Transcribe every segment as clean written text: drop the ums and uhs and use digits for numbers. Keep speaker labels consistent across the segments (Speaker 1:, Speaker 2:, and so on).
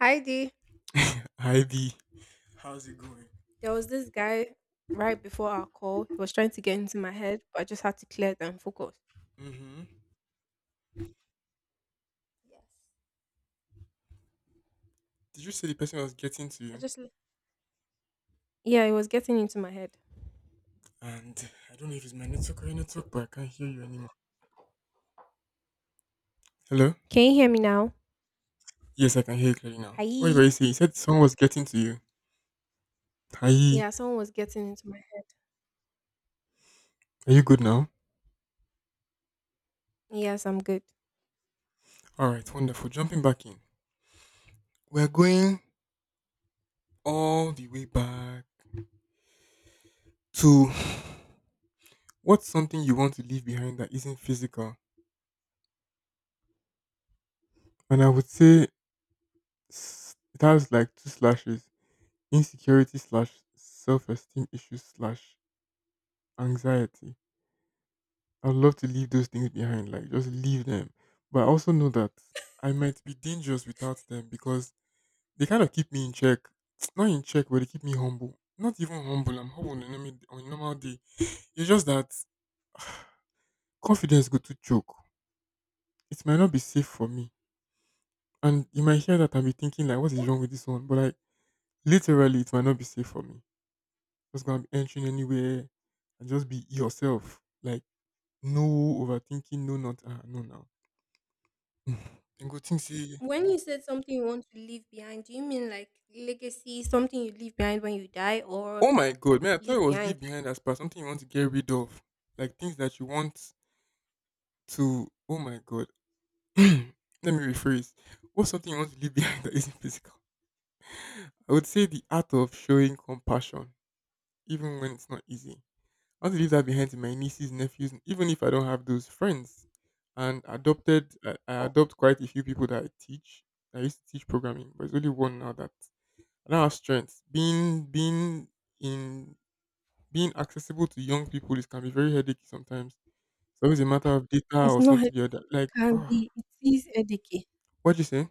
Speaker 1: Heidi,
Speaker 2: Hi B. How's it going?
Speaker 1: there was this guy right before our call. He was trying to get into my head, but I just had to clear it and focus.
Speaker 2: Mm-hmm.
Speaker 1: Yes.
Speaker 2: Did you say the person I was getting to
Speaker 1: I
Speaker 2: you?
Speaker 1: just, l- yeah, he was getting into my head.
Speaker 2: And I don't know if it's my network or your network, but I can't hear you anymore. Hello?
Speaker 1: Can you hear me now?
Speaker 2: Yes, I can hear you clearly now. What were
Speaker 1: Hi.
Speaker 2: you saying? You said someone was getting to you. Hi.
Speaker 1: Yeah, someone was getting into my head.
Speaker 2: Are you good now?
Speaker 1: Yes, I'm good.
Speaker 2: Alright, wonderful. Jumping back in. We're going all the way back to what's something you want to leave behind that isn't physical? And I would say s- it has like two slashes. Insecurity slash self esteem issues slash anxiety. I'd love to leave those things behind, like just leave them. But I also know that I might be dangerous without them because they kind of keep me in check. Not in check, but they keep me humble. Not even humble. I'm humble on a normal day. It's just that confidence go to choke. It might not be safe for me, and you might hear that and be thinking like, "What is
Speaker 1: Oh,
Speaker 2: wrong with this one?" But like, literally, it might not be safe for me. Just gonna be entering anywhere and just be yourself. Like, no overthinking, no not ah, no now. And go think say
Speaker 1: When you said something you want to leave behind, do you mean like legacy, something you leave behind when you die, or
Speaker 2: oh my god, man, I thought it
Speaker 1: leave
Speaker 2: was
Speaker 1: behind?
Speaker 2: leave behind as per something you want to get rid of. Like things that you want to oh my god. Let me rephrase. What's something you want to leave behind that isn't physical? I would say the art of showing compassion, even when it's not easy. I want to leave that behind to my nieces, nephews, even if I don't have those friends. And adopted I adopt quite a few people that I teach. I used to teach programming, but it's only one now that I don't have strength. Being in being accessible to young people is can be very headache sometimes. It's always a matter of data
Speaker 1: It's
Speaker 2: or
Speaker 1: not, like
Speaker 2: something
Speaker 1: it
Speaker 2: the other. Like,
Speaker 1: can
Speaker 2: oh,
Speaker 1: be, it is educate.
Speaker 2: what do you say?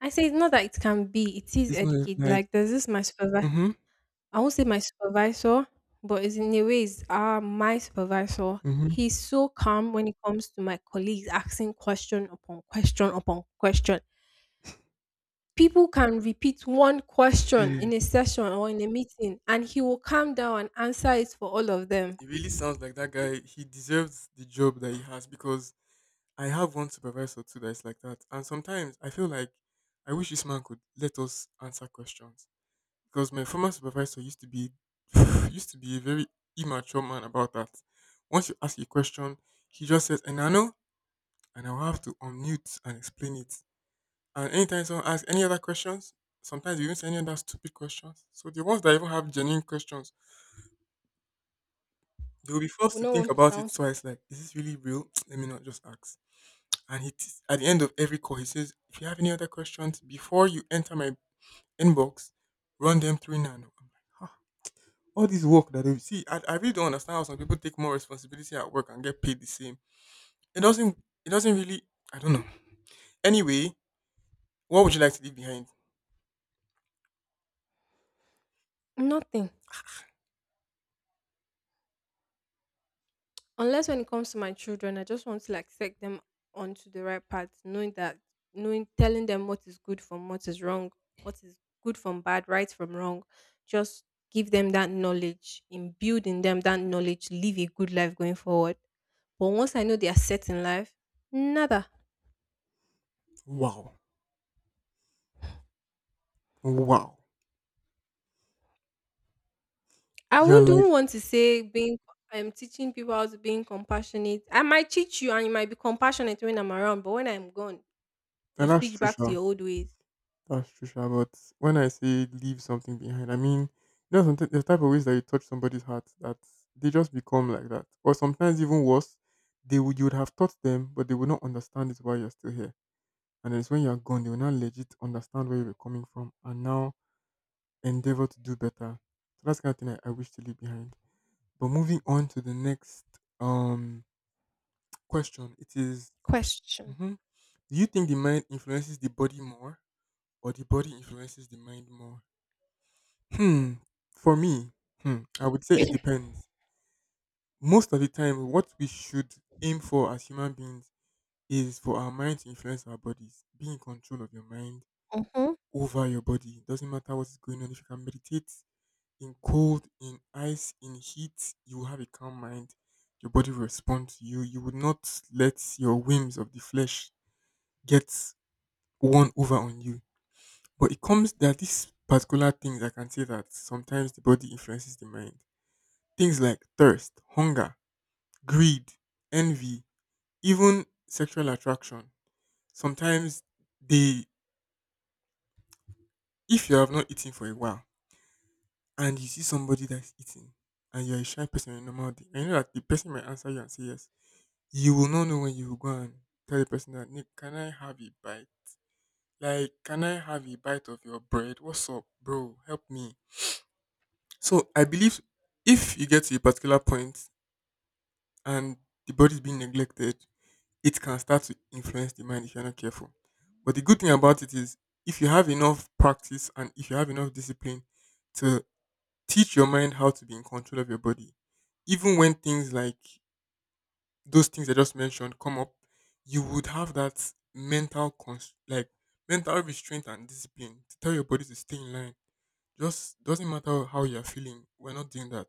Speaker 1: I say it's not that it can be, it is
Speaker 2: It's not a-
Speaker 1: educate.
Speaker 2: like,
Speaker 1: Like, there's this my supervisor.
Speaker 2: mm-hmm,
Speaker 1: I won't say my supervisor, but it's in a way it's my supervisor.
Speaker 2: mm-hmm.
Speaker 1: He's so calm when it comes to my colleagues asking question upon question upon question. People can repeat one question in a session or in a meeting, and he will calm down and answer it for all of them.
Speaker 2: It really sounds like that guy. He deserves the job that he has because I have one supervisor too that's like that. And sometimes I feel like I wish this man could let us answer questions because my former supervisor used to be used to be a very immature man about that. Once you ask a question, he just says, "And I know," and I'll have to unmute and explain it. And anytime someone asks any other questions, sometimes you even say any other stupid questions. So the ones that even have genuine questions, they will be forced
Speaker 1: We
Speaker 2: to
Speaker 1: don't
Speaker 2: think
Speaker 1: want to
Speaker 2: about it
Speaker 1: sound stupid.
Speaker 2: twice. Like, is this really real? Let me not just ask. And he t- at the end of every call, he says, if you have any other questions before you enter my inbox, run them through now. I'm like, "Ah, all this work that they see, I really don't understand how some people take more responsibility at work and get paid the same. It doesn't. It doesn't really. I don't know. Anyway, what would you like to leave behind?
Speaker 1: Nothing, unless when it comes to my children. I just want to like set them onto the right path, knowing that knowing telling them what is good from what is wrong, what is good from bad, right from wrong. Just give them that knowledge, imbued in them that knowledge, live a good life going forward. But once I know they are set in life, nada.
Speaker 2: Wow, wow.
Speaker 1: I
Speaker 2: You're
Speaker 1: wouldn't
Speaker 2: like
Speaker 1: even want to say being I'm teaching people how to being compassionate. I might teach you and you might be compassionate when I'm around, but when I'm gone,
Speaker 2: "Now
Speaker 1: you
Speaker 2: that's
Speaker 1: switch back to
Speaker 2: Trisha.
Speaker 1: your old ways.
Speaker 2: That's true, sha, but when I say leave something behind, I mean you know sometimes there's type of ways that you touch somebody's heart that they just become like that, or sometimes even worse, they would you would have taught them, but they would not understand it while you're still here, and then it's when you're gone they will now legit understand where you were coming from and now endeavor to do better. So that's the kind of thing I wish to leave behind. But moving on to the next um question, it is,
Speaker 1: Question.
Speaker 2: mhm, do you think the mind influences the body more, or the body influences the mind more? Hmm. For me, hmm, I would say it depends. Most of the time, what we should aim for as human beings is for our mind to influence our bodies. Be in control of your mind
Speaker 1: Mhm.
Speaker 2: over your body. Doesn't matter what's going on. If you can meditate in cold, in ice, in heat, you will have a calm mind. Your body will respond to you. You would not let your whims of the flesh get won over on you. But it comes there are these particular things I can say that sometimes the body influences the mind. Things like thirst, hunger, greed, envy, even sexual attraction. Sometimes they, if you have not eaten for a while and you see somebody that's eating and you're a shy person on a normal day, I know that the person might answer you and say yes, you will not know when you will go and tell the person that, Nick, can I have a bite? Like, can I have a bite of your bread? What's up, bro? Help me. So I believe if you get to a particular point and the body's being neglected, it can start to influence the mind if you're not careful. But the good thing about it is, if you have enough practice and if you have enough discipline to teach your mind how to be in control of your body, even when things like those things I just mentioned come up, you would have that mental cons- like mental restraint and discipline to tell your body to stay in line. Just doesn't matter how you're feeling. We're not doing that.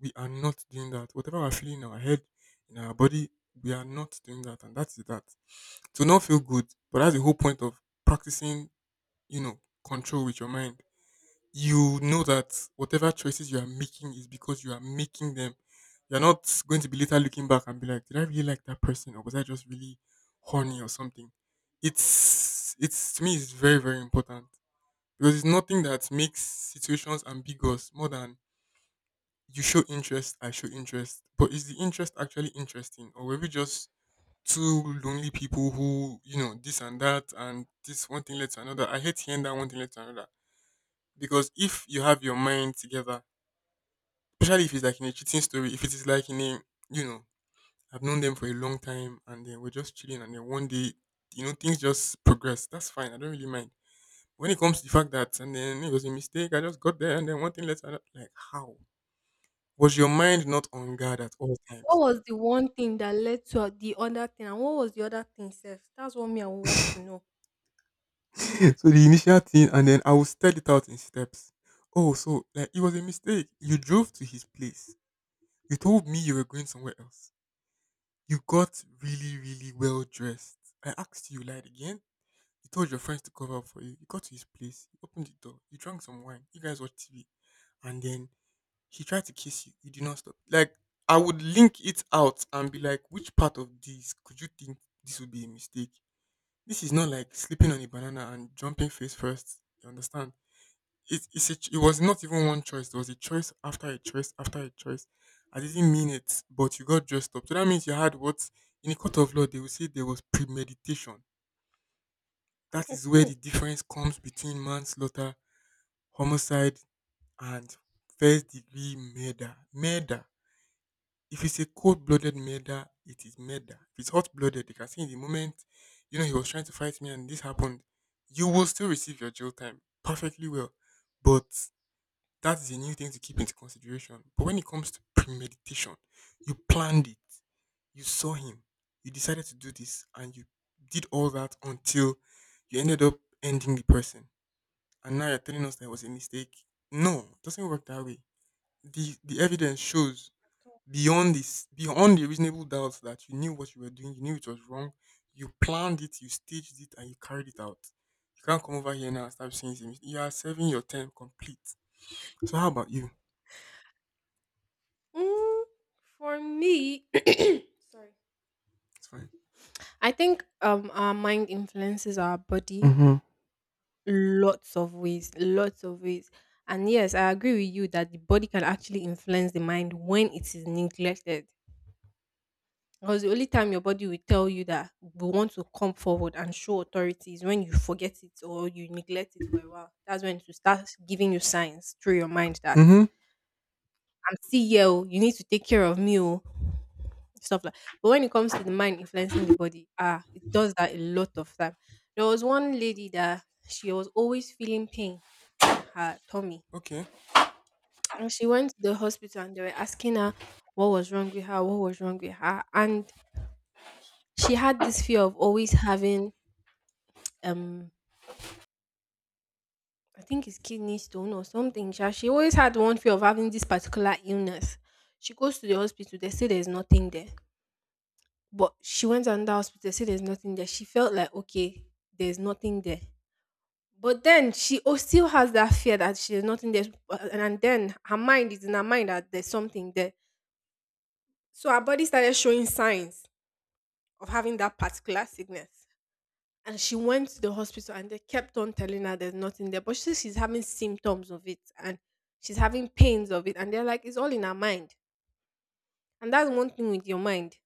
Speaker 2: We are not doing that. Whatever we're feeling in our head, in our body, we are not doing that. And that's that. To not feel good, but that's the whole point of practicing, you know, control with your mind. You know that whatever choices you are making is because you are making them. You're not going to be later looking back and be like, did I really like that person or was I just really horny or something? It's to me, it's very, very important because it's nothing that makes situations ambiguous more than you show interest, I show interest. But is the interest actually interesting? Or were we just two lonely people who, you know, this and that and this one thing led to another? I hate hearing that one thing led to another. Because if you have your mind together, especially if it's like in a cheating story, if it is like in a, you know, I've known them for a long time and then we're just chilling and then one day, you know, things just progress. That's fine. I don't really mind. When it comes to the fact that and then it was a mistake, I just got there and then one thing led to another. Like, how? Was your mind not on guard at all
Speaker 1: What
Speaker 2: times?
Speaker 1: was the one thing that led to the other thing, and what was the other thing sef? That's what me I would want to know.
Speaker 2: So the initial thing, and then I will set it out in steps. Oh, so like it was a mistake. You drove to his place. You told me you were going somewhere else. You got really, really well dressed. I asked you, you lied again. You told your friends to cover up for you. You got to his place. You opened the door. You drank some wine. You guys watched TV, and then he tried to kiss you. You did not stop. Like I would link it out and be like, which part of this could you think this would be a mistake? This is not like slipping on a banana and jumping face first. You understand? It, it's a, ch- It was not even one choice. It was a choice after a choice after a choice. I didn't mean it, but you got dressed up. So that means you had what in a court of law they will say there was premeditation. That is where the
Speaker 1: Mhm.
Speaker 2: difference comes between manslaughter, homicide, and first degree murder. Murder. If it's a cold blooded murder, it is murder. If it's hot blooded, they can see in the moment, you know, he was trying to fight me and this happened. You will still receive your jail time perfectly well. But that is a new thing to keep into consideration. But when it comes to premeditation, you planned it. You saw him. You decided to do this and you did all that until you ended up ending the person. And now you're telling us that it was a mistake. No, it doesn't work that way. The evidence shows beyond this beyond the reasonable doubt that you knew what you were doing, you knew it was wrong, you planned it, you staged it and you carried it out. You can't come over here now and start saying it's a mis- you are serving your term complete. So how about you?
Speaker 1: Mm, for me sorry.
Speaker 2: It's fine.
Speaker 1: I think our mind influences our body
Speaker 2: Mm-hmm.
Speaker 1: lots of ways, lots of ways. And yes, I agree with you that the body can actually influence the mind when it is neglected. Because the only time your body will tell you that we want to come forward and show authority is when you forget it or you neglect it for a while. That's when it will start giving you signs through your mind that
Speaker 2: Mm-hmm.
Speaker 1: I'm still here, oh, you need to take care of me, oh," stuff like. But when it comes to the mind influencing the body, ah, it does that a lot of time. There was one lady that she was always feeling pain in her tummy,
Speaker 2: Okay.
Speaker 1: and she went to the hospital and they were asking her what was wrong with her, what was wrong with her, and she had this fear of always having um I think it's kidney stone or something. Sha. She always had one fear of having this particular illness. She goes to the hospital, they say there's nothing there. But she went to another hospital, they say there's nothing there. She felt like okay, there's nothing there. But then she still has that fear that there's nothing there. And then her mind is in her mind that there's something there. So her body started showing signs of having that particular sickness. And she went to the hospital and they kept on telling her there's nothing there. But she says she's having symptoms of it and she's having pains of it. And they're like, it's all in her mind. And that's one thing with your mind.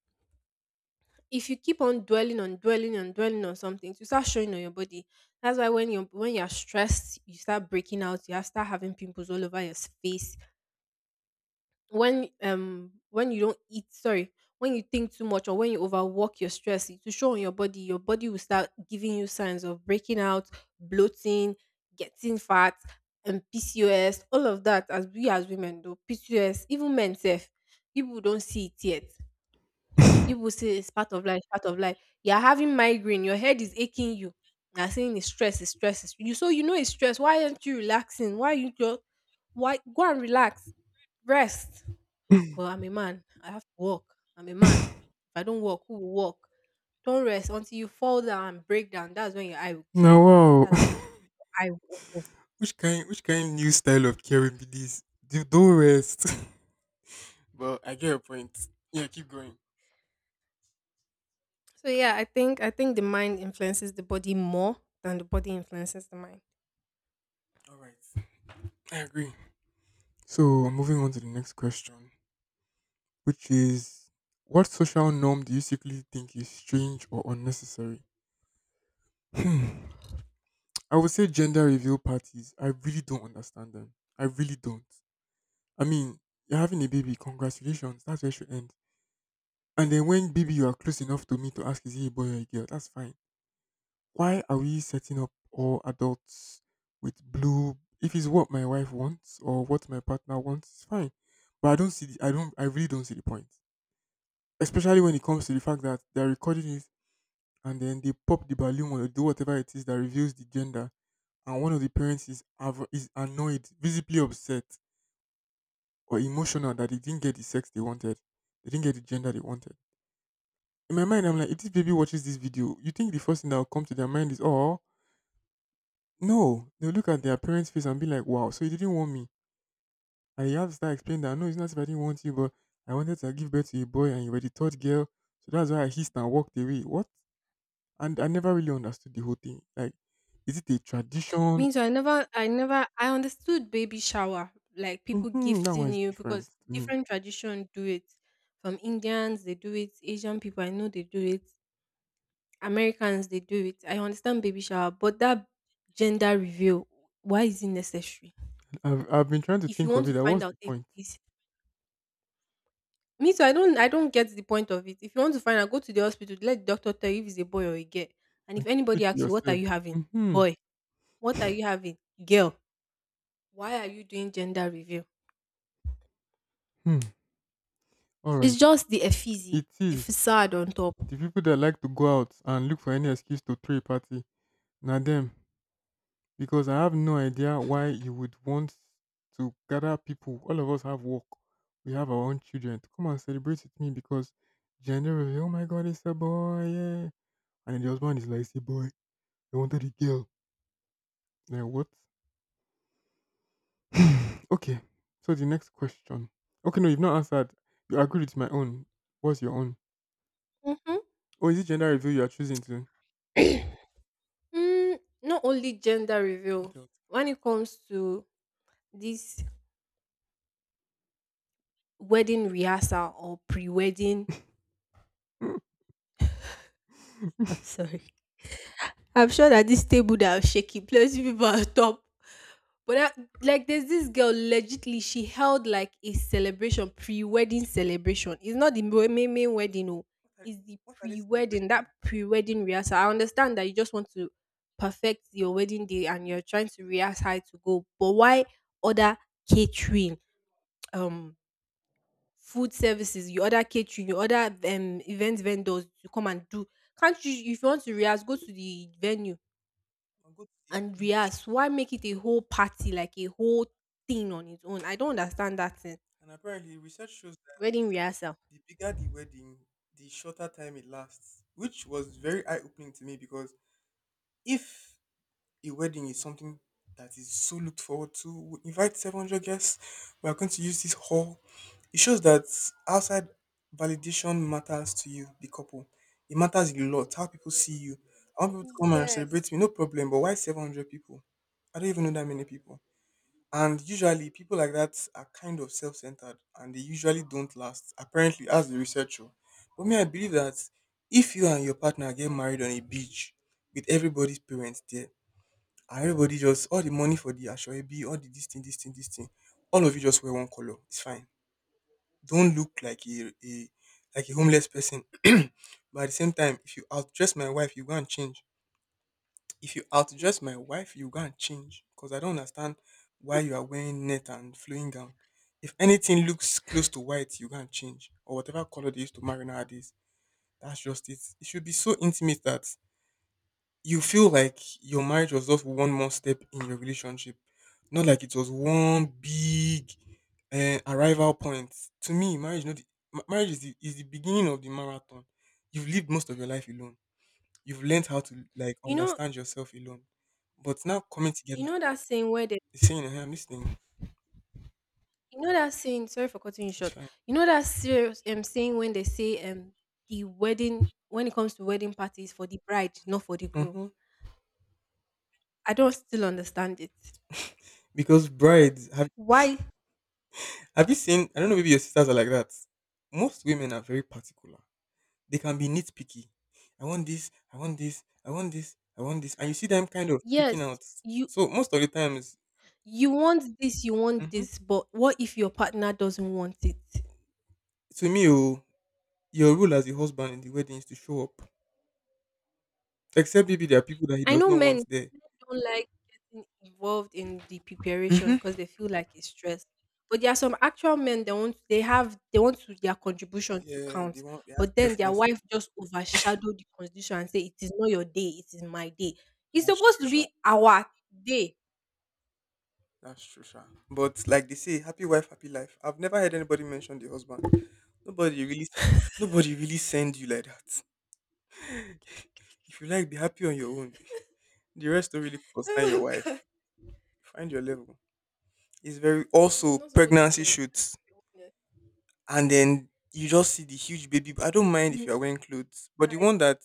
Speaker 1: If you keep on dwelling on dwelling on dwelling on something, you start showing on your body. That's why when you're stressed, you start breaking out, you start having pimples all over your face, when you don't eat, sorry, when you think too much or when you overwork your stress, it will show on your body. Your body will start giving you signs of breaking out, bloating, getting fat, and PCOS, all of that, as we as women do PCOS, even men self, people don't see it yet. People say it's part of life, part of life. You're having migraine, your head is aching you. They're saying it's stress, it's stress, you so you know it's stress, why aren't you relaxing, why you just why go and relax, rest. But I'm a man. I have to walk. I'm a man. If I don't walk, who will walk? Don't rest until you fall down and break down. That's when your eye will
Speaker 2: Now,
Speaker 1: clear.
Speaker 2: wow.
Speaker 1: That's when I will open.
Speaker 2: Which kind new style of caring be this? Do don't rest. But I get your point. Yeah, keep going.
Speaker 1: So yeah, I think the mind influences the body more than the body influences the mind.
Speaker 2: All right, I agree. So moving on to the next question, which is, what social norm do you secretly think is strange or unnecessary? Hmm. I would say gender reveal parties. I really don't understand them. I really don't. I mean, you're having a baby. Congratulations. That's where it should end. And then when baby you are close enough to me to ask is he a boy or a girl, that's fine. Why are we setting up all adults with blue? If it's what my wife wants or what my partner wants, it's fine. But I don't see the, I don't I really don't see the point. Especially when it comes to the fact that they're recording it and then they pop the balloon or do whatever it is that reveals the gender and one of the parents is is annoyed, visibly upset or emotional that they didn't get the sex they wanted. They didn't get the gender they wanted. In my mind, I'm like, if this baby watches this video, you think the first thing that will come to their mind is, oh, no. They'll look at their parents' face and be like, wow, so you didn't want me. And you have to start explaining that, no, it's not if I didn't want you, but I wanted to give birth to a boy and you were the third girl. So that's why I hissed and walked away. What? And I never really understood the whole thing. Like, is it a tradition?
Speaker 1: Me too. I never I never I understood baby shower, like people
Speaker 2: Hmm, that
Speaker 1: gifting
Speaker 2: one's
Speaker 1: you
Speaker 2: different
Speaker 1: because
Speaker 2: to me.
Speaker 1: different tradition do it. From Indians, they do it. Asian people, I know they do it. Americans, they do it. I understand baby shower, but that gender reveal, why is it necessary?
Speaker 2: I've been trying to
Speaker 1: If you
Speaker 2: think of
Speaker 1: want to
Speaker 2: it. Like,
Speaker 1: find
Speaker 2: what's
Speaker 1: out
Speaker 2: the
Speaker 1: if
Speaker 2: point?
Speaker 1: it is me too, I don't get the point of it. If you want to find out, go to the hospital, let the doctor tell you if it's a boy or a girl. And
Speaker 2: Like,
Speaker 1: if
Speaker 2: keep
Speaker 1: anybody
Speaker 2: it to
Speaker 1: asks you, what are
Speaker 2: yourself.
Speaker 1: you having?
Speaker 2: Mm-hmm.
Speaker 1: Boy. What are you having? Girl. Why are you doing gender reveal?
Speaker 2: Hmm. All right.
Speaker 1: It's just the effigy,
Speaker 2: It
Speaker 1: the
Speaker 2: is.
Speaker 1: facade on top.
Speaker 2: The people that like to go out and look for any excuse to throw a party, now them. Because I have no idea why you would want to gather people. All of us have work. We have our own children to come and celebrate with me because generally, oh my god, it's a boy, yeah. And then the husband is like, it's a boy. I wanted a girl. Like what? Okay. So the next question. Okay, no, you've not answered. You agreed with my own. What's your own?
Speaker 1: Hmm.
Speaker 2: Oh, is it gender reveal you are choosing to?
Speaker 1: mm, Not only gender reveal,
Speaker 2: What
Speaker 1: when it comes to this wedding rehearsal or pre-wedding.
Speaker 2: else?
Speaker 1: I'm sorry. I'm sure that this table that I'm shaking, plenty people are top. But that, like, there's this girl. Legitly, she held like a celebration, pre-wedding celebration. It's not the main main wedding, no.
Speaker 2: I-
Speaker 1: It's the
Speaker 2: What are they
Speaker 1: pre-wedding. That
Speaker 2: celebrating?
Speaker 1: pre-wedding rehearsal. I understand that you just want to perfect your wedding day and you're trying to rehearse how to go. But why other catering? Um, Food services, you order catering, you order event vendors to come and do. Can't you, if you want to rehearse, go to the venue
Speaker 2: I'll go to the
Speaker 1: and
Speaker 2: beach.
Speaker 1: rehearse? Why make it a whole party, like a whole thing on its own? I don't understand that thing.
Speaker 2: And apparently, research shows that
Speaker 1: Wedding rehearsal.
Speaker 2: the bigger the wedding, the shorter time it lasts, which was very eye opening to me because if a wedding is something that is so looked forward to, we invite 700 guests, we are going to use this hall. It shows that outside validation matters to you, the couple. It matters a lot how people see you. I want people to come and
Speaker 1: Yes.
Speaker 2: celebrate me, no problem, but why 700 people? I don't even know that many people. And usually people like that are kind of self centered and they usually don't last. Apparently, as the researcher. But me I believe that if you and your partner get married on a beach with everybody's parents there, and everybody just all the money for the ashoebi, all the this thing, this thing, this thing, all of you just wear one color. It's fine. Don't look like a like a homeless person. But at the same time, if you outdress my wife, you go and change. If you outdress my wife, you go and change because I don't understand why you are wearing net and flowing gown. If anything looks close to white, you go and change or whatever color they used to marry nowadays. That's just it. It should be so intimate that you feel like your marriage was just one more step in your relationship, not like it was one big arrival point. To me, marriage, not the, ma- marriage is is the beginning of the marathon. You've lived most of your life alone. You've learned how to like
Speaker 1: You know,
Speaker 2: understand yourself alone. But now coming
Speaker 1: you
Speaker 2: together,
Speaker 1: know that saying where they
Speaker 2: it's saying, "Hey, I'm listening.
Speaker 1: you know that saying, sorry for cutting you
Speaker 2: It's
Speaker 1: short.
Speaker 2: fine."
Speaker 1: You know that serious saying when they say the wedding, when it comes to wedding parties for the bride,
Speaker 2: Mm-hmm.
Speaker 1: not for the groom.
Speaker 2: Mm-hmm.
Speaker 1: I don't still understand it.
Speaker 2: Because brides
Speaker 1: Why?
Speaker 2: have you seen? I don't know. Maybe your sisters are like that. Most women are very particular. They can be nitpicky. I want this. I want this. I want this. I want this. And you see them kind of freaking
Speaker 1: Yes,
Speaker 2: out.
Speaker 1: you
Speaker 2: So most of the times,
Speaker 1: you want this, you want
Speaker 2: hmm,
Speaker 1: this, but what if your partner doesn't want it?
Speaker 2: to me, oh, your role as a husband in the wedding is to show up. Except maybe there are people that he
Speaker 1: I
Speaker 2: does
Speaker 1: know
Speaker 2: not
Speaker 1: men
Speaker 2: want there.
Speaker 1: don't like getting involved in the preparation
Speaker 2: Hmm.
Speaker 1: because they feel like it's stress. But there are some actual men, they want they have they want to, their contribution to
Speaker 2: Yeah, they
Speaker 1: count,
Speaker 2: want. They have
Speaker 1: but then their
Speaker 2: preferences.
Speaker 1: wife just overshadow the constitution and say it is not your day, it is my day. It's
Speaker 2: That's
Speaker 1: supposed
Speaker 2: true,
Speaker 1: to
Speaker 2: sha.
Speaker 1: be our day.
Speaker 2: That's true, sha. But like they say, happy wife, happy life. I've never heard anybody mention the husband. Nobody really, s- Nobody really send you like that. If you like, be happy on your own. The rest don't really concern your
Speaker 1: Oh god.
Speaker 2: wife. Find your level. It's very
Speaker 1: And it's
Speaker 2: also
Speaker 1: not supposed to be
Speaker 2: pregnancy
Speaker 1: like that, to
Speaker 2: shoots,
Speaker 1: be honest.
Speaker 2: and then you just see the huge baby. I don't mind if
Speaker 1: Mm,
Speaker 2: you are wearing clothes, but the
Speaker 1: guys,
Speaker 2: one that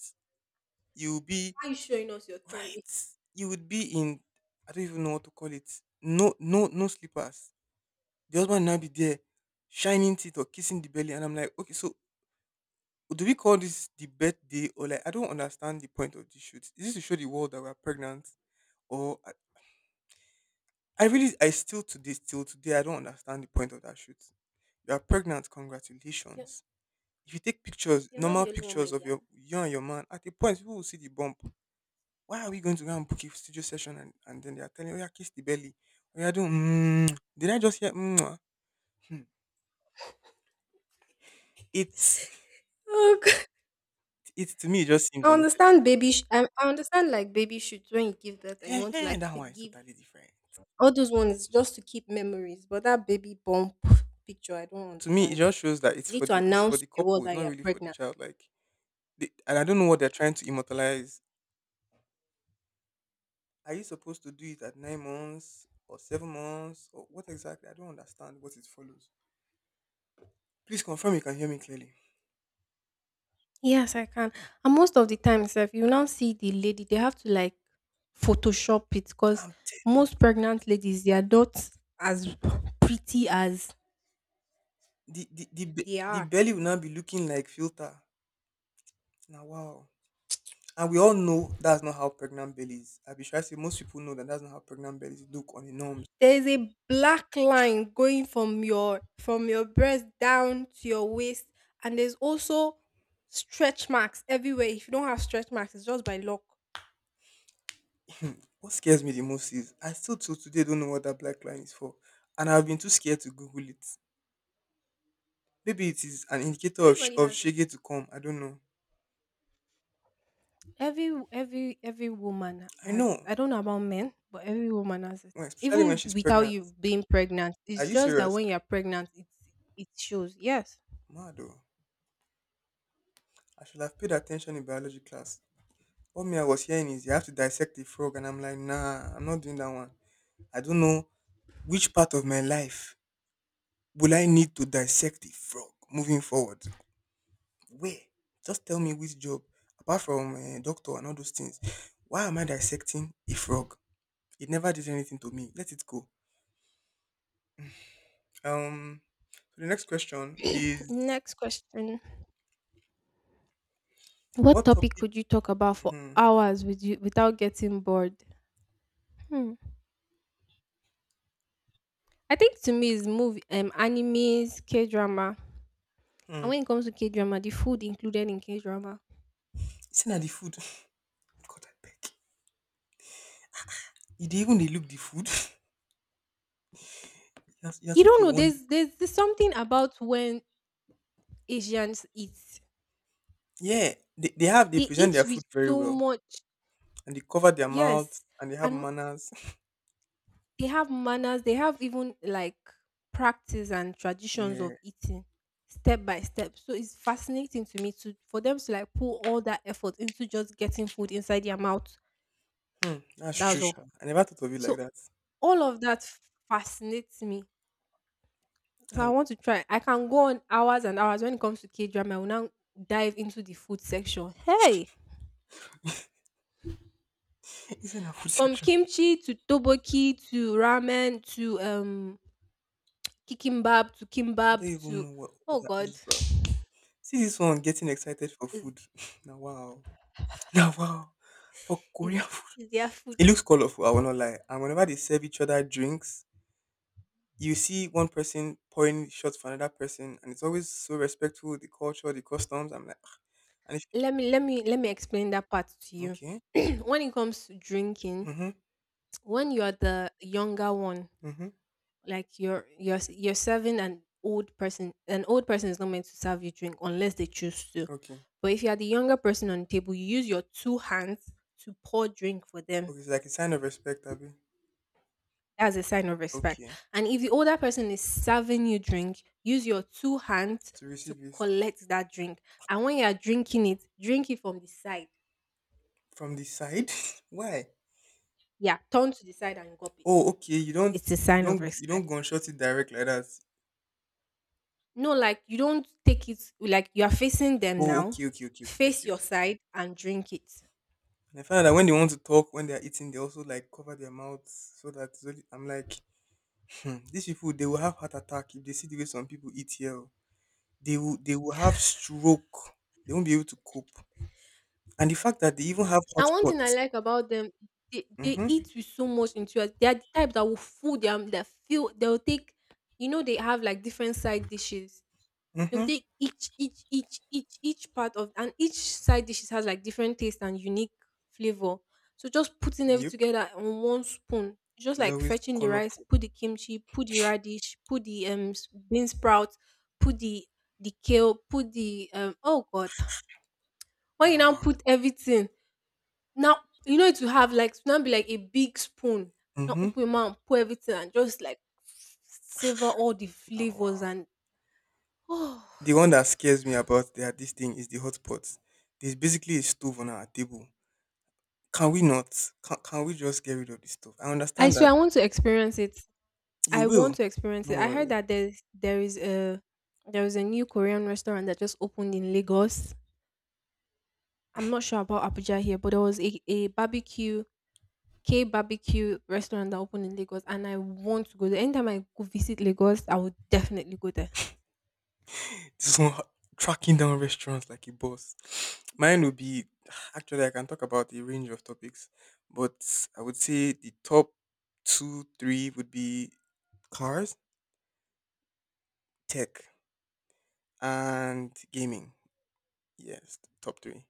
Speaker 2: you will be
Speaker 1: why are you showing us your tummy?
Speaker 2: right, you would be in. I don't even know what to call it. No, no, no slippers. The husband now be there shining teeth or kissing the belly. And I'm like, okay, so do we call this the birthday or like I don't understand the point of this shoot? Is this to show the world that we're pregnant? Or I, I really I still to this till today I don't understand the point of that shoot. You are pregnant,
Speaker 1: You're,
Speaker 2: congratulations. If you take pictures,
Speaker 1: you're not
Speaker 2: normal
Speaker 1: the only one, my
Speaker 2: pictures of
Speaker 1: dear.
Speaker 2: you and your man, at a point people will see the bump. Why are we going to go and book a studio session and then they are telling you, yeah, kiss the belly? Oh yeah, doing. Mm. Did I just hear mm? Ah, hmm. It's
Speaker 1: Oh
Speaker 2: it's To me it just seems
Speaker 1: I
Speaker 2: unnecessary.
Speaker 1: understand baby. I understand like baby shoots when you give birth and you
Speaker 2: Eh,
Speaker 1: want to
Speaker 2: eh,
Speaker 1: like
Speaker 2: that
Speaker 1: to
Speaker 2: one is
Speaker 1: give
Speaker 2: totally different.
Speaker 1: all those ones just to keep memories. But that baby bump picture, I don't
Speaker 2: To me, it
Speaker 1: understand it.
Speaker 2: just shows that
Speaker 1: Is it to
Speaker 2: it's for
Speaker 1: announce
Speaker 2: the
Speaker 1: to the world
Speaker 2: couple. It's
Speaker 1: that
Speaker 2: not
Speaker 1: you're
Speaker 2: really for the
Speaker 1: pregnant?
Speaker 2: child. Like, they, and I don't know what they're trying to immortalize. Are you supposed to do it at 9 months or 7 months or what exactly? I don't understand what it follows. Please confirm you can hear me clearly.
Speaker 1: Yes, I can. And most of the times, if you now see the lady, they have to like Photoshop it because
Speaker 2: I'm telling
Speaker 1: most
Speaker 2: you,
Speaker 1: pregnant ladies, they are not as pretty as they
Speaker 2: the
Speaker 1: are.
Speaker 2: belly will now be looking like filter. Now, wow. And we all know that's not how pregnant bellies. I be sure I say most people know that that's not how pregnant bellies look on the norms.
Speaker 1: There is a black line going from your breast down to your waist, and there's also stretch marks everywhere. If you don't have stretch marks, it's just by luck.
Speaker 2: What scares me the most is I still till today don't know what that black line is for, and I've been too scared to Google it. Maybe it is an indicator of,
Speaker 1: Everybody
Speaker 2: of
Speaker 1: has it.
Speaker 2: Shege to come. I don't know.
Speaker 1: Every woman
Speaker 2: I
Speaker 1: has it.
Speaker 2: know.
Speaker 1: I don't know about men, but every woman has it,
Speaker 2: Well, especially when
Speaker 1: even
Speaker 2: she's
Speaker 1: without
Speaker 2: pregnant.
Speaker 1: you being pregnant.
Speaker 2: Are
Speaker 1: It's
Speaker 2: you
Speaker 1: just that
Speaker 2: serious?
Speaker 1: when you're pregnant it shows. Yes.
Speaker 2: Mado. I should have paid attention in biology class. What me I was hearing is you have to dissect the frog, and I'm like, nah, I'm not doing that one. I don't know which part of my life will I need to dissect the frog moving forward. Where? Just tell me which job, apart from doctor and all those things. Why am I dissecting a frog? It never did anything to me. Let it go. Um, so the next question is
Speaker 1: Next question: what
Speaker 2: what
Speaker 1: topic
Speaker 2: topic?
Speaker 1: could you talk about for
Speaker 2: Mhm.
Speaker 1: hours with you without getting bored? Hmm. I think to me is movie, animes, K drama,
Speaker 2: Hmm.
Speaker 1: and when it comes to K drama, the food included in K drama.
Speaker 2: Isn't that the food? God, I beg. You did even they look the food. You're
Speaker 1: You
Speaker 2: such
Speaker 1: don't
Speaker 2: a
Speaker 1: know.
Speaker 2: wonder.
Speaker 1: There's something about when Asians eat.
Speaker 2: Yeah, they have they
Speaker 1: They
Speaker 2: present
Speaker 1: eat
Speaker 2: their
Speaker 1: with
Speaker 2: food very
Speaker 1: so
Speaker 2: well,
Speaker 1: much.
Speaker 2: and they cover their mouths,
Speaker 1: Yes,
Speaker 2: and they have
Speaker 1: and
Speaker 2: manners.
Speaker 1: they have manners. They have even like practice and traditions
Speaker 2: Yeah,
Speaker 1: of eating step by step. So it's fascinating to me to for them to like put all that effort into just getting food inside their mouth.
Speaker 2: hmm, that's true,
Speaker 1: That's all.
Speaker 2: sha. I never thought of it like
Speaker 1: So
Speaker 2: that.
Speaker 1: all of that fascinates me. So I
Speaker 2: Um,
Speaker 1: want to try. I can go on hours and hours when it comes to K drama. I will now dive into the food section. Hey,
Speaker 2: isn't that food
Speaker 1: from
Speaker 2: section?
Speaker 1: kimchi to toboki to ramen to kikimbab to
Speaker 2: I
Speaker 1: kimbab
Speaker 2: don't
Speaker 1: to
Speaker 2: even know what all
Speaker 1: oh
Speaker 2: that
Speaker 1: god,
Speaker 2: is, bro. See this one getting excited for
Speaker 1: is,
Speaker 2: food. Now wow, now wow, for
Speaker 1: is,
Speaker 2: Korean
Speaker 1: is there food?
Speaker 2: it looks colorful, I will not lie. And whenever they serve each other drinks, you see one person pouring shots for another person, and it's always so respectful, the culture, the customs. I'm like, "Ah." And if
Speaker 1: Let me explain that part to you.
Speaker 2: okay,
Speaker 1: When it comes to drinking,
Speaker 2: mm-hmm,
Speaker 1: when you are the younger one,
Speaker 2: mm-hmm,
Speaker 1: like you're serving an old person is not meant to serve you drink unless they choose to.
Speaker 2: okay,
Speaker 1: But if you are the younger person on the table, you use your two hands to pour drink for them.
Speaker 2: okay, it's like a sign of respect, Abby.
Speaker 1: That's a sign of respect.
Speaker 2: Okay,
Speaker 1: And if the older person is serving you drink, use your two hands
Speaker 2: to
Speaker 1: to
Speaker 2: receive this
Speaker 1: collect that drink. And when you are drinking it, drink it from the side.
Speaker 2: from the side. Why?
Speaker 1: Yeah, turn to the side and gulp it.
Speaker 2: Oh, okay,
Speaker 1: It's a sign of
Speaker 2: you don't
Speaker 1: respect.
Speaker 2: gunshot it direct like that.
Speaker 1: No, like you don't take it like you are facing them
Speaker 2: Oh,
Speaker 1: now.
Speaker 2: okay, okay, okay, okay,
Speaker 1: Face
Speaker 2: okay,
Speaker 1: your
Speaker 2: okay.
Speaker 1: side and drink it.
Speaker 2: And I found out that when they want to talk, when they are eating, they also like cover their mouths so that it's only- I'm like, Dis pipu dey will have heart attack if they see the way some people eat here oo. Dey will They will have stroke. They won't be able to cope. And the fact that they even have
Speaker 1: And one
Speaker 2: hotspot.
Speaker 1: thing I like about them, they eat
Speaker 2: Mhm,
Speaker 1: with so much interest. They are the type that will fool them. They'll take, you know, they have like different side dishes. They'll
Speaker 2: mhm,
Speaker 1: take each part of, and each side dishes has like different taste and unique flavor. So just putting everything
Speaker 2: yep.
Speaker 1: together on one spoon, just
Speaker 2: It's
Speaker 1: like
Speaker 2: always
Speaker 1: fetching the rice,
Speaker 2: colorful.
Speaker 1: put the kimchi, put the radish, put the bean sprouts, put the kale, put the oh god. When you
Speaker 2: Now,
Speaker 1: now
Speaker 2: wow.
Speaker 1: put everything now, you know it will have like it will now be like a big spoon. Now
Speaker 2: Mhm,
Speaker 1: open your mouth, pour everything, and just like savor all the
Speaker 2: now,
Speaker 1: flavors
Speaker 2: wow.
Speaker 1: and oh.
Speaker 2: De one that scares me about their this thing is de hotpot. There's basically a stove on our table. Can we not? Can we just get rid of the stove? I
Speaker 1: I
Speaker 2: understand
Speaker 1: swear
Speaker 2: that
Speaker 1: I want to experience it.
Speaker 2: you
Speaker 1: I
Speaker 2: will.
Speaker 1: want to experience it.
Speaker 2: Don't
Speaker 1: I heard
Speaker 2: worry.
Speaker 1: that there is a there is a new Korean restaurant that just opened in Lagos. I'm not sure about Abuja here, but there was a barbecue K barbecue restaurant that opened in Lagos, and I want to go there. Anytime I go visit Lagos, I would definitely go there.
Speaker 2: This one tracking down restaurants like a boss. Mine would be actually I can talk about a range of topics, but I would say the top two, three would be cars, tech, and gaming. Yes, the top three.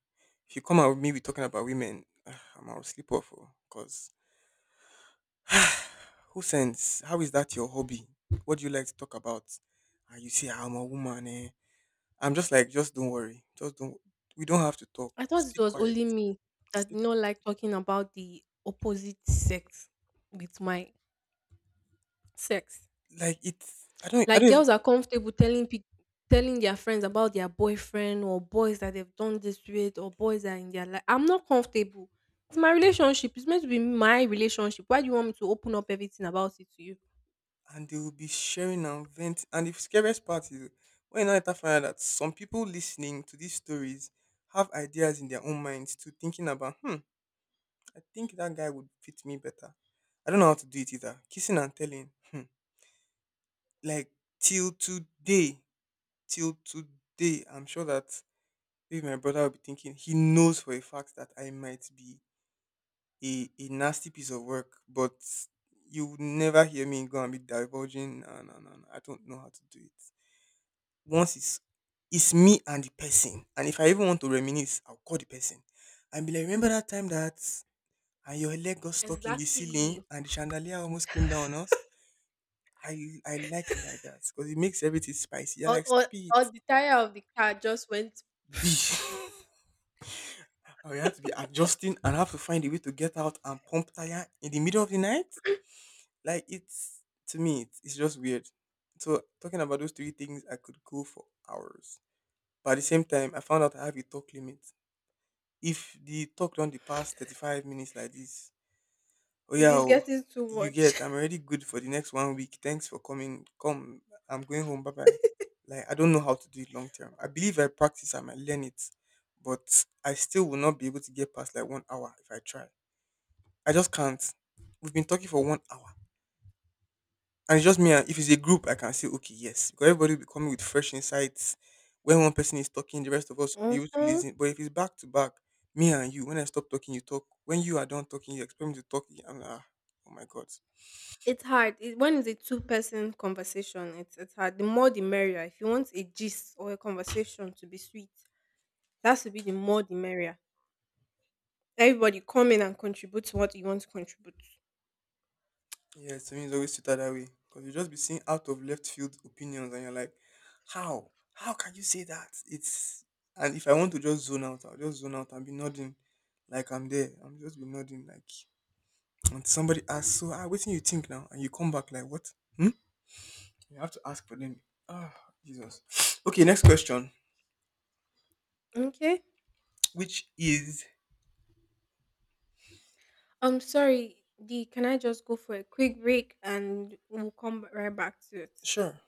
Speaker 2: If you come out with me, we talking about women. I'm out of sleep off because who sends? How is that your hobby? What do you like to talk about? And you say, "Ah, I'm a woman. Eh? I'm just like, just don't worry. Just don't. We don't have to talk.
Speaker 1: I thought it
Speaker 2: Stay
Speaker 1: was
Speaker 2: quiet."
Speaker 1: only me
Speaker 2: It's
Speaker 1: that
Speaker 2: the
Speaker 1: did not like talking about the opposite sex with my sex.
Speaker 2: like it's I don't I
Speaker 1: Like
Speaker 2: don't even,
Speaker 1: girls are comfortable telling peop telling their friends about their boyfriend or boys that they've done this with or boys that are in their life. I'm not comfortable. It's my relationship. It's meant to be my relationship. Why do you want me to open up everything about it to you?
Speaker 2: and they will be sharing and vent and the scariest part is when I later find out that some people listening to these stories have ideas in their own minds to thinking about I think that guy would fit me better. I don't know how to do it either. Kissing and telling hmm like till today till today I'm sure that maybe my brother will be thinking he knows for a fact that I might be a nasty piece of work, but you would never hear me go and be divulging. No, no, no, no. I don't know how to do it. Once It's me and the person, and if I even want to reminisce, I'll call the person and be like, "Remember that time that and your leg got stuck in the ceiling
Speaker 1: Exactly.
Speaker 2: and the chandelier almost came down on us." I I like it like that because it makes everything spicy. You're
Speaker 1: or,
Speaker 2: like,
Speaker 1: or,
Speaker 2: "Stop
Speaker 1: or
Speaker 2: it."
Speaker 1: the tire of the car just went if
Speaker 2: I will have to be adjusting and have to find a way to get out and pump tire in the middle of the night. Like it's to me, it's just weird. So talking about those three things, I could go for hours. But at the same time, I found out I have a talk limit. If the talk don't the past 35 minutes like this, oh yeah,
Speaker 1: it's
Speaker 2: oh,
Speaker 1: getting too
Speaker 2: you
Speaker 1: much.
Speaker 2: get. I'm already good for the next one week. Thanks for coming. Come, I'm going home. Bye bye. Like I don't know how to do it long term. I believe I practice. I might learn it, but I still will not be able to get past like 1 hour if I try. I just can't. We've been talking for 1 hour. And it's just me and if it's a group I can say, okay, yes. Because everybody will be coming with fresh insights. When one person is talking, the rest of us will be
Speaker 1: Hmm.
Speaker 2: able to listen. But if it's back to back, me and you, when I stop talking, you talk. When you are done talking, you expect me to talk. I'm like, ah, oh my god.
Speaker 1: It's hard. When it's a two-person conversation, it's hard. The more the merrier. If you want a gist or a conversation to be sweet, that should be the more the merrier. Everybody come in and contribute to what you want to contribute.
Speaker 2: Yeah, to me it's always sweeter that way. Because you just be seeing out of left field opinions and you're like, how? How can you say that? It's and if I want to just zone out, I'll just zone out and be nodding like I'm there. I'm just be nodding like and somebody asks, so ah, what do you think now? And you come back like, what? Hmm. You have to ask for them. Ah, Jesus. Okay, next question.
Speaker 1: Okay.
Speaker 2: Which is
Speaker 1: I'm sorry. D, can I just go for a quick break and we'll come right back to it?
Speaker 2: sure.